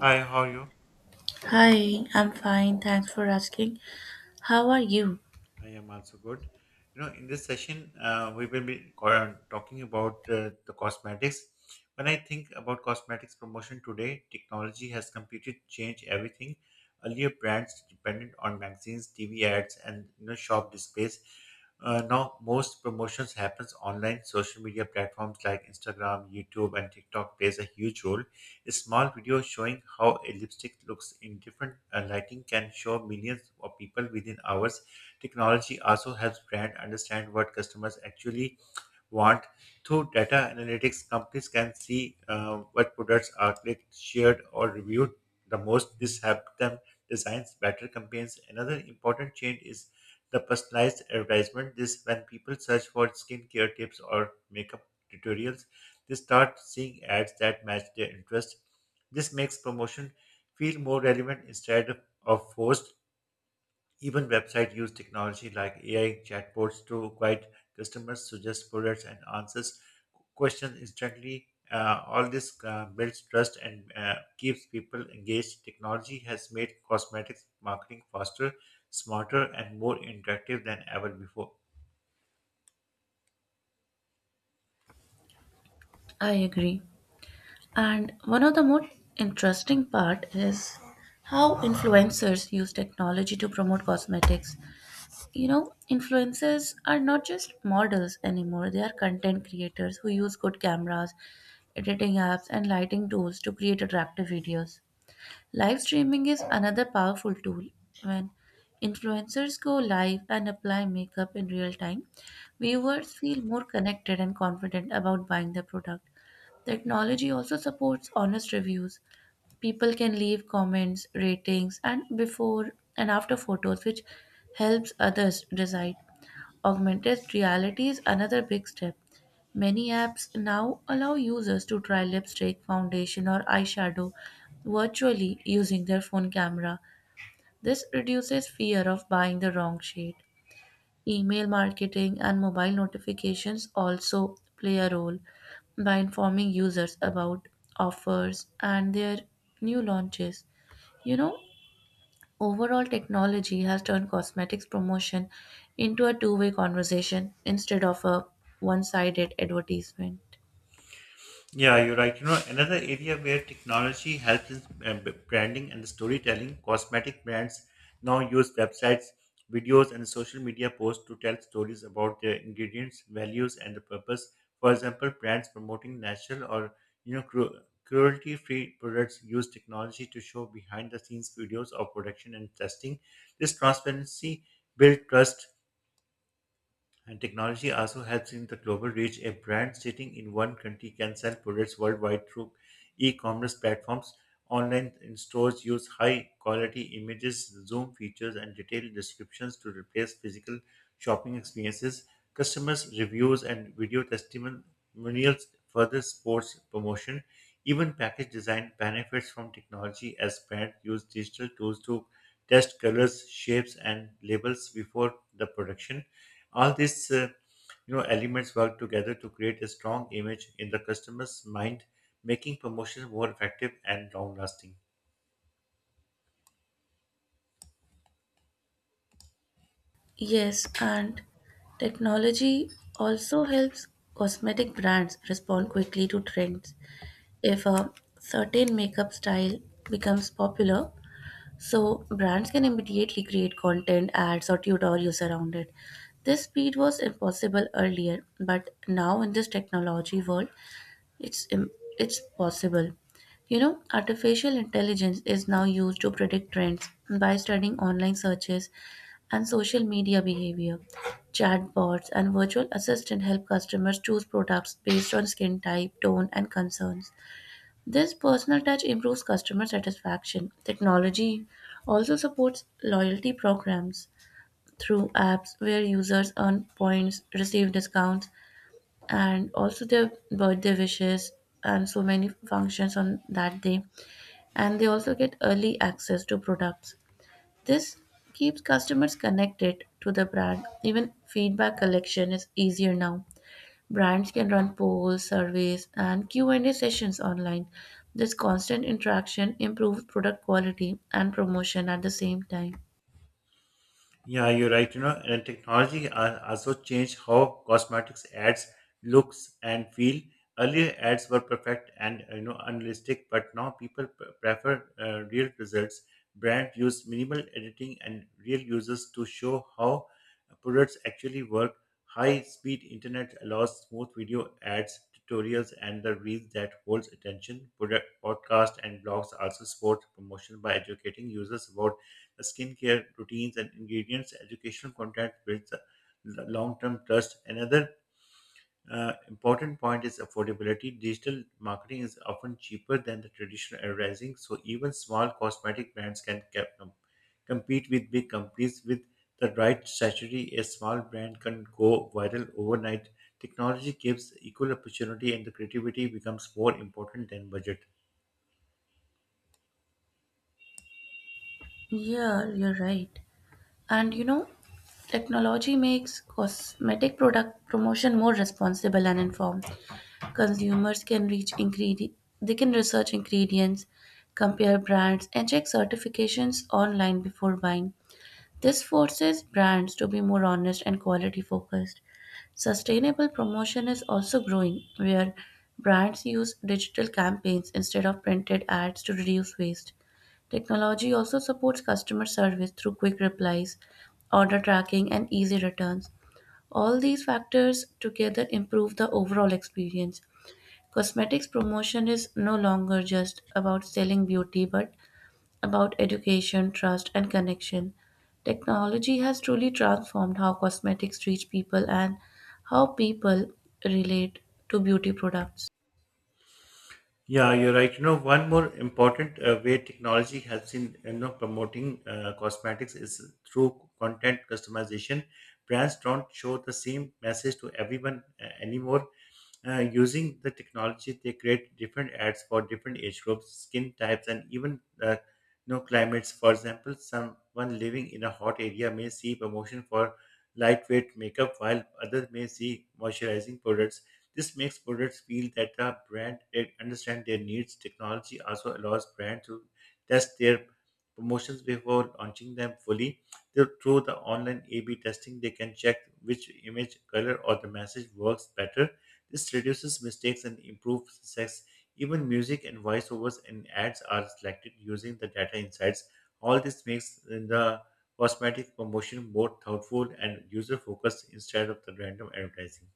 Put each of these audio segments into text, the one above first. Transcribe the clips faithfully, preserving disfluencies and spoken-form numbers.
Hi, how are you? Hi, I'm fine. Thanks for asking. How are you? I am also good. You know, in this session, uh, we will be co- uh, talking about uh, the cosmetics. When I think about cosmetics promotion today, technology has completely changed everything. Earlier, brands depended on magazines, T V ads, and you know, shop displays. Uh, now, most promotions happens online. Social media platforms like Instagram, YouTube, and TikTok plays a huge role. A small video showing how a lipstick looks in different uh, lighting can show millions of people within hours. Technology also helps brand understand what customers actually want. Through data analytics, companies can see uh, what products are clicked, shared, or reviewed the most. This helps them design better campaigns. Another important change is the personalized advertisement. This when people search for skincare tips or makeup tutorials, they start seeing ads that match their interest. This makes promotion feel more relevant instead of forced. Even websites use technology like A I chatbots to guide customers, suggest products, and answers questions instantly. Uh, all this uh, builds trust and uh, keeps people engaged. Technology has made cosmetics marketing faster, smarter, and more interactive than ever before. I agree. And one of the most interesting part is how influencers use technology to promote cosmetics. You know, influencers are not just models anymore. They are content creators who use good cameras, editing apps and lighting tools to create attractive videos. Live streaming is another powerful tool. When influencers go live and apply makeup in real time, viewers feel more connected and confident about buying the product. Technology also supports honest reviews. People can leave comments, ratings, and before and after photos, which helps others decide. Augmented reality is another big step. Many apps now allow users to try lipstick, foundation, or eyeshadow virtually using their phone camera. This reduces fear of buying the wrong shade. Email marketing and mobile notifications also play a role by informing users about offers and their new launches. You know, Overall, technology has turned cosmetics promotion into a two way conversation instead of a one sided advertisement. Yeah, you're right. You know, another area where technology helps is uh, b- branding and storytelling. Cosmetic brands now use websites, videos, and social media posts to tell stories about their ingredients, values, and the purpose. For example, brands promoting natural or you know cru- cruelty-free products use technology to show behind-the-scenes videos of production and testing. This transparency builds trust and technology also helps in the global reach. A brand sitting in one country can sell products worldwide through e-commerce platforms. Online in stores use high-quality images, zoom features, and detailed descriptions to replace physical shopping experiences. Customers' reviews and video testimonials further supports promotion. Even package design benefits from technology as brands use digital tools to test colors, shapes, and labels before the production. All these uh, you know elements work together to create a strong image in the customer's mind, making promotions more effective and long lasting. Yes, and technology also helps cosmetic brands respond quickly to trends. If a certain makeup style becomes popular, so brands can immediately create content, ads, or tutorials around it. This speed was impossible earlier, but now in this technology world, It's im- it's possible. You know, artificial intelligence is now used to predict trends by studying online searches and social media behavior. Chatbots and virtual assistant help customers choose products based on skin type, tone, and concerns. This personal touch improves customer satisfaction. Technology also supports loyalty programs through apps where users earn points, receive discounts, and also their birthday wishes and so many functions on that day, and they also get early access to products. This keeps customers connected to the brand. Even feedback collection is easier now. Brands can run polls, surveys, and q&a sessions online. This constant interaction improves product quality and promotion at the same time. Yeah, you're right. You know, and technology uh, also changed how cosmetics ads looks and feel. Earlier ads were perfect and uh, you know unrealistic, but now people p- prefer uh, real results. Brand use minimal editing and real users to show how products actually work. High speed internet allows smooth video ads, tutorials, and the reels that holds attention. Product, podcast, and blogs also support promotion by educating users about skincare routines and ingredients. Educational content builds a l- long-term trust. Another uh, important point is affordability. Digital marketing is often cheaper than the traditional advertising, so even small cosmetic brands can cap- com- compete with big companies. With the right strategy, a small brand can go viral overnight. Technology gives equal opportunity, and the creativity becomes more important than budget. Yeah, you're right. And you know, technology makes cosmetic product promotion more responsible and informed. Consumers can reach ingredient They can research ingredients, compare brands, and check certifications online before buying. This forces brands to be more honest and quality focused. Sustainable promotion is also growing, where brands use digital campaigns instead of printed ads to reduce waste. Technology also supports customer service through quick replies, order tracking, and easy returns. All these factors together improve the overall experience. Cosmetics promotion is no longer just about selling beauty but about education, trust, and connection. Technology has truly transformed how cosmetics reach people and how people relate to beauty products. Yeah, you're right. You know, one more important uh, way technology helps in you know promoting uh, cosmetics is through content customization. Brands don't show the same message to everyone uh, anymore. Uh, using the technology, they create different ads for different age groups, skin types, and even uh, you know climates. For example, someone living in a hot area may see promotion for lightweight makeup, while others may see moisturizing products. This makes products feel that the brand eh, understand their needs. Technology also allows brands to test their promotions before launching them fully. Th- Through the online A/B testing, they can check which image, color, or the message works better. This reduces mistakes and improves success. Even music and voiceovers and ads are selected using the data insights. All this makes the cosmetic promotion more thoughtful and user focused instead of the random advertising.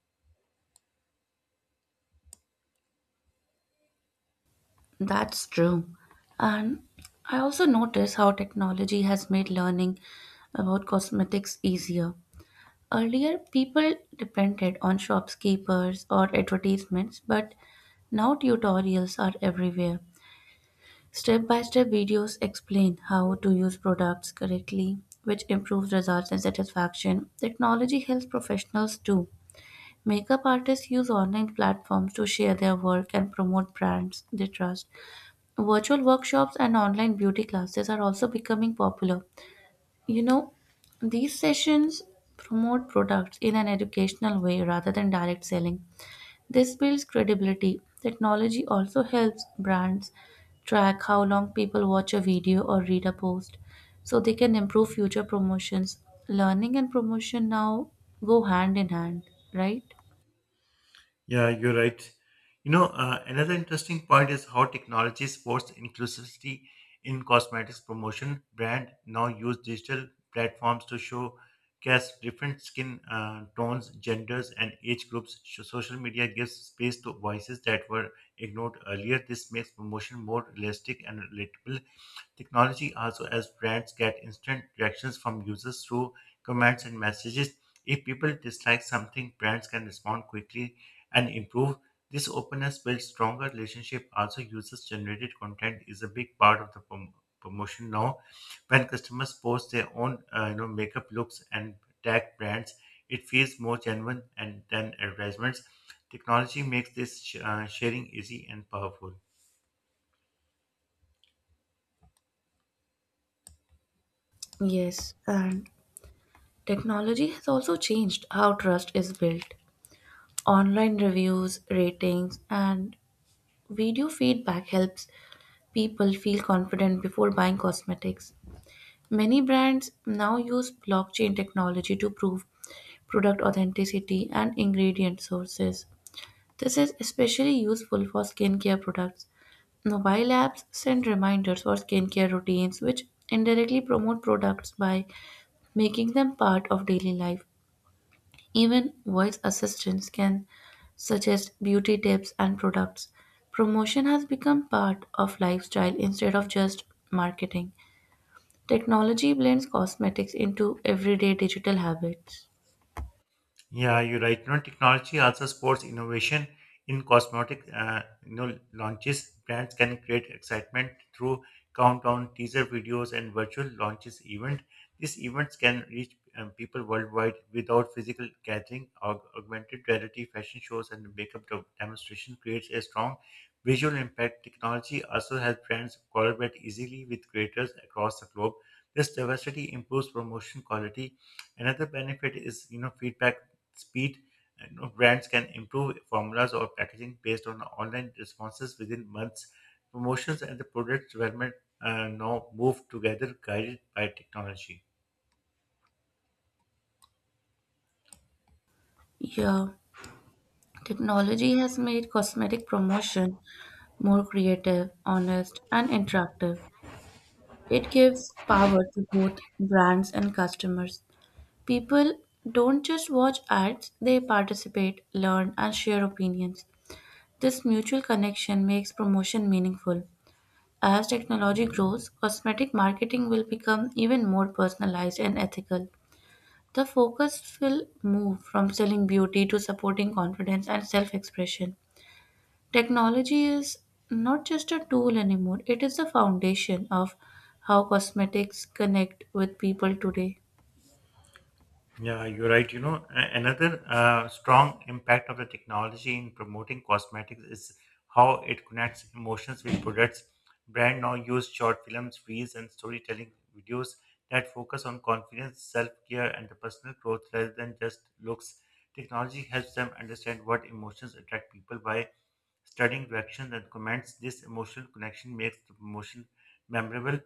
That's true. And I also notice how technology has made learning about cosmetics easier. Earlier, people depended on shopkeepers or advertisements, but now tutorials are everywhere. Step by step videos explain how to use products correctly, which improves results and satisfaction. Technology helps professionals too. Makeup artists use online platforms to share their work and promote brands they trust. Virtual workshops and online beauty classes are also becoming popular. You know, these sessions promote products in an educational way rather than direct selling. This builds credibility. Technology also helps brands track how long people watch a video or read a post so they can improve future promotions. Learning and promotion now go hand in hand, right? Yeah, you're right. You know, uh, another interesting point is how technology supports inclusivity in cosmetics promotion. Brand now use digital platforms to show cast different skin uh, tones, genders, and age groups. Sh- Social media gives space to voices that were ignored earlier. This makes promotion more realistic and relatable. Technology also as brands get instant reactions from users through comments and messages. If people dislike something, brands can respond quickly and improve. This openness builds stronger relationship. Also, users generated content is a big part of the prom- promotion now. When customers post their own, uh, you know, makeup looks and tag brands, it feels more genuine and than advertisements. Technology makes this sh- uh, sharing easy and powerful. Yes, and technology has also changed how trust is built. Online reviews, ratings, and video feedback helps people feel confident before buying cosmetics. Many brands now use blockchain technology to prove product authenticity and ingredient sources. This is especially useful for skincare products. Mobile apps send reminders for skincare routines, which indirectly promote products by making them part of daily life. Even voice assistants can suggest beauty tips and products. Promotion has become part of lifestyle instead of just marketing. Technology blends cosmetics into everyday digital habits. Yeah, you're right. You know, technology also supports innovation in cosmetic uh, you know, launches. Brands can create excitement through countdown, teaser videos, and virtual launches event. These events can reach um, people worldwide without physical gathering. Aug- augmented reality fashion shows and makeup de- demonstration creates a strong visual impact. Technology also helps brands collaborate easily with creators across the globe. This diversity improves promotion quality. Another benefit is you know feedback speed. You know, brands can improve formulas or packaging based on online responses within months. Promotions and the product development uh, now move together, guided by technology. Yeah, technology has made cosmetic promotion more creative, honest, and interactive. It gives power to both brands and customers. People don't just watch ads, they participate, learn, and share opinions. This mutual connection makes promotion meaningful. As technology grows, cosmetic marketing will become even more personalized and ethical. The focus will move from selling beauty to supporting confidence and self expression. Technology is not just a tool anymore, it is the foundation of how cosmetics connect with people today. Yeah, you're right. You know, a- another uh, strong impact of the technology in promoting cosmetics is how it connects emotions with products. Brand now use short films, reels, and storytelling videos that focus on confidence, self-care, and the personal growth rather than just looks. Technology helps them understand what emotions attract people by studying reactions and comments. This emotional connection makes the promotion memorable.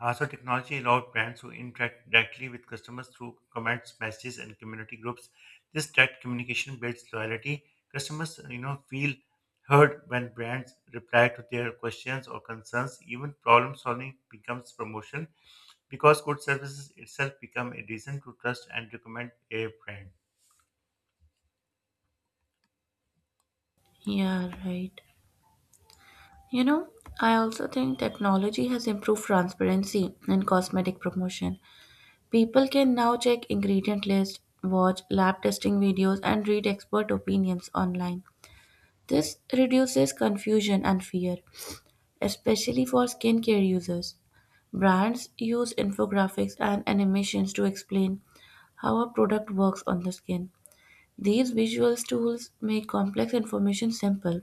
Also, technology allowed brands to interact directly with customers through comments, messages, and community groups. This direct communication builds loyalty. Customers, you know, feel heard when brands reply to their questions or concerns. Even problem solving becomes promotion because good services itself become a reason to trust and recommend a brand. Yeah, right. You know, I also think technology has improved transparency in cosmetic promotion. People can now check ingredient list, watch lab testing videos and read expert opinions online. This reduces confusion and fear. Especially for skincare users, brands use infographics and animations to explain how a product works on the skin. These visual tools make complex information simple.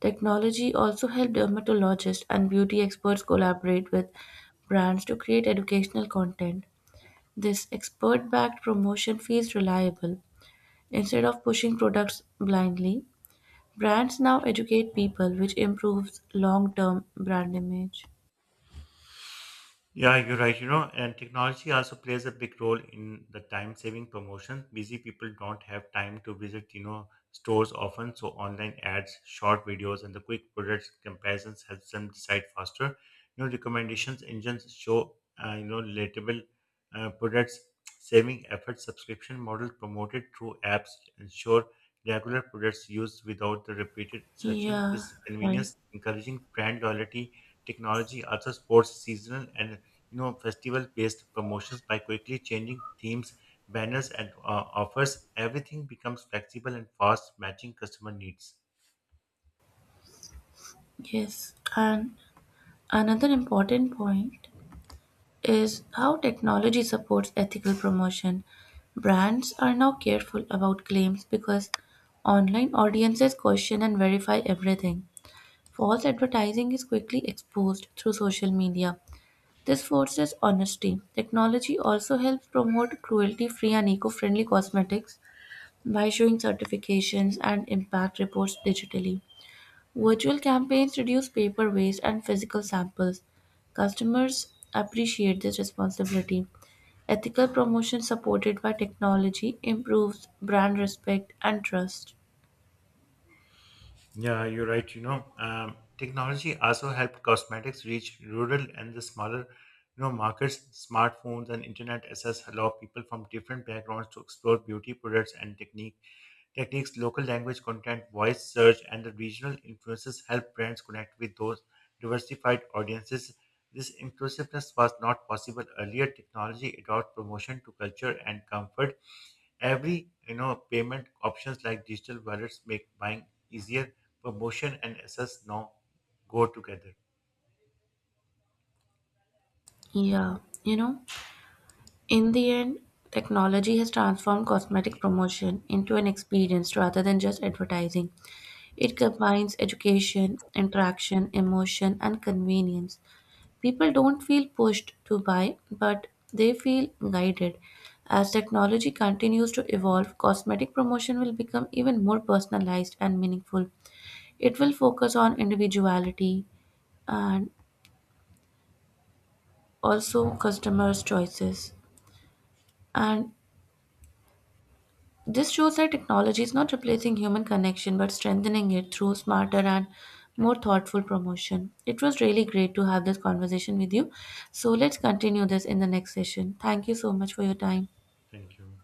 Technology also helps dermatologists and beauty experts collaborate with brands to create educational content. This expert backed promotion feels reliable. Instead of pushing products blindly, brands now educate people, which improves long term brand image. Yeah, you're right. You know, and technology also plays a big role in the time saving promotion. Busy people don't have time to visit, you know, stores often, so online ads, short videos, and the quick product comparisons helps them decide faster. You know, recommendations engines show, uh, you know, relatable uh, products, saving effort, subscription model promoted through apps ensure regular products used without the repeated searching. Yeah, This right. convenience encouraging brand loyalty. Technology also supports seasonal and you know festival-based promotions by quickly changing themes, banners, and uh, offers. Everything becomes flexible and fast, matching customer needs. Yes. And another important point is how technology supports ethical promotion. Brands are now careful about claims because online audiences question and verify everything. False advertising is quickly exposed through social media. This forces honesty. Technology also helps promote cruelty free and eco friendly cosmetics by showing certifications and impact reports digitally. Virtual campaigns reduce paper waste and physical samples. Customers appreciate this responsibility. Ethical promotion supported by technology improves brand respect and trust. Yeah, you're right. You know, um, technology also helped cosmetics reach rural and the smaller, you know, markets. Smartphones and internet access allow people from different backgrounds to explore beauty products and techniques Techniques, local language content, voice search, and the regional influences help brands connect with those diversified audiences. This inclusiveness was not possible earlier. Technology allowed promotion to culture and comfort. Every you know payment options like digital wallets make buying easier. Promotion and access now go together. Yeah, you know, in the end, technology has transformed cosmetic promotion into an experience rather than just advertising. It combines education, interaction, emotion, and convenience. People don't feel pushed to buy, but they feel guided. As technology continues to evolve, cosmetic promotion will become even more personalized and meaningful. It will focus on individuality and also customers' choices. And this shows that technology is not replacing human connection but strengthening it through smarter and more thoughtful promotion. It was really great to have this conversation with you. So let's continue this in the next session. Thank you so much for your time. Thank you.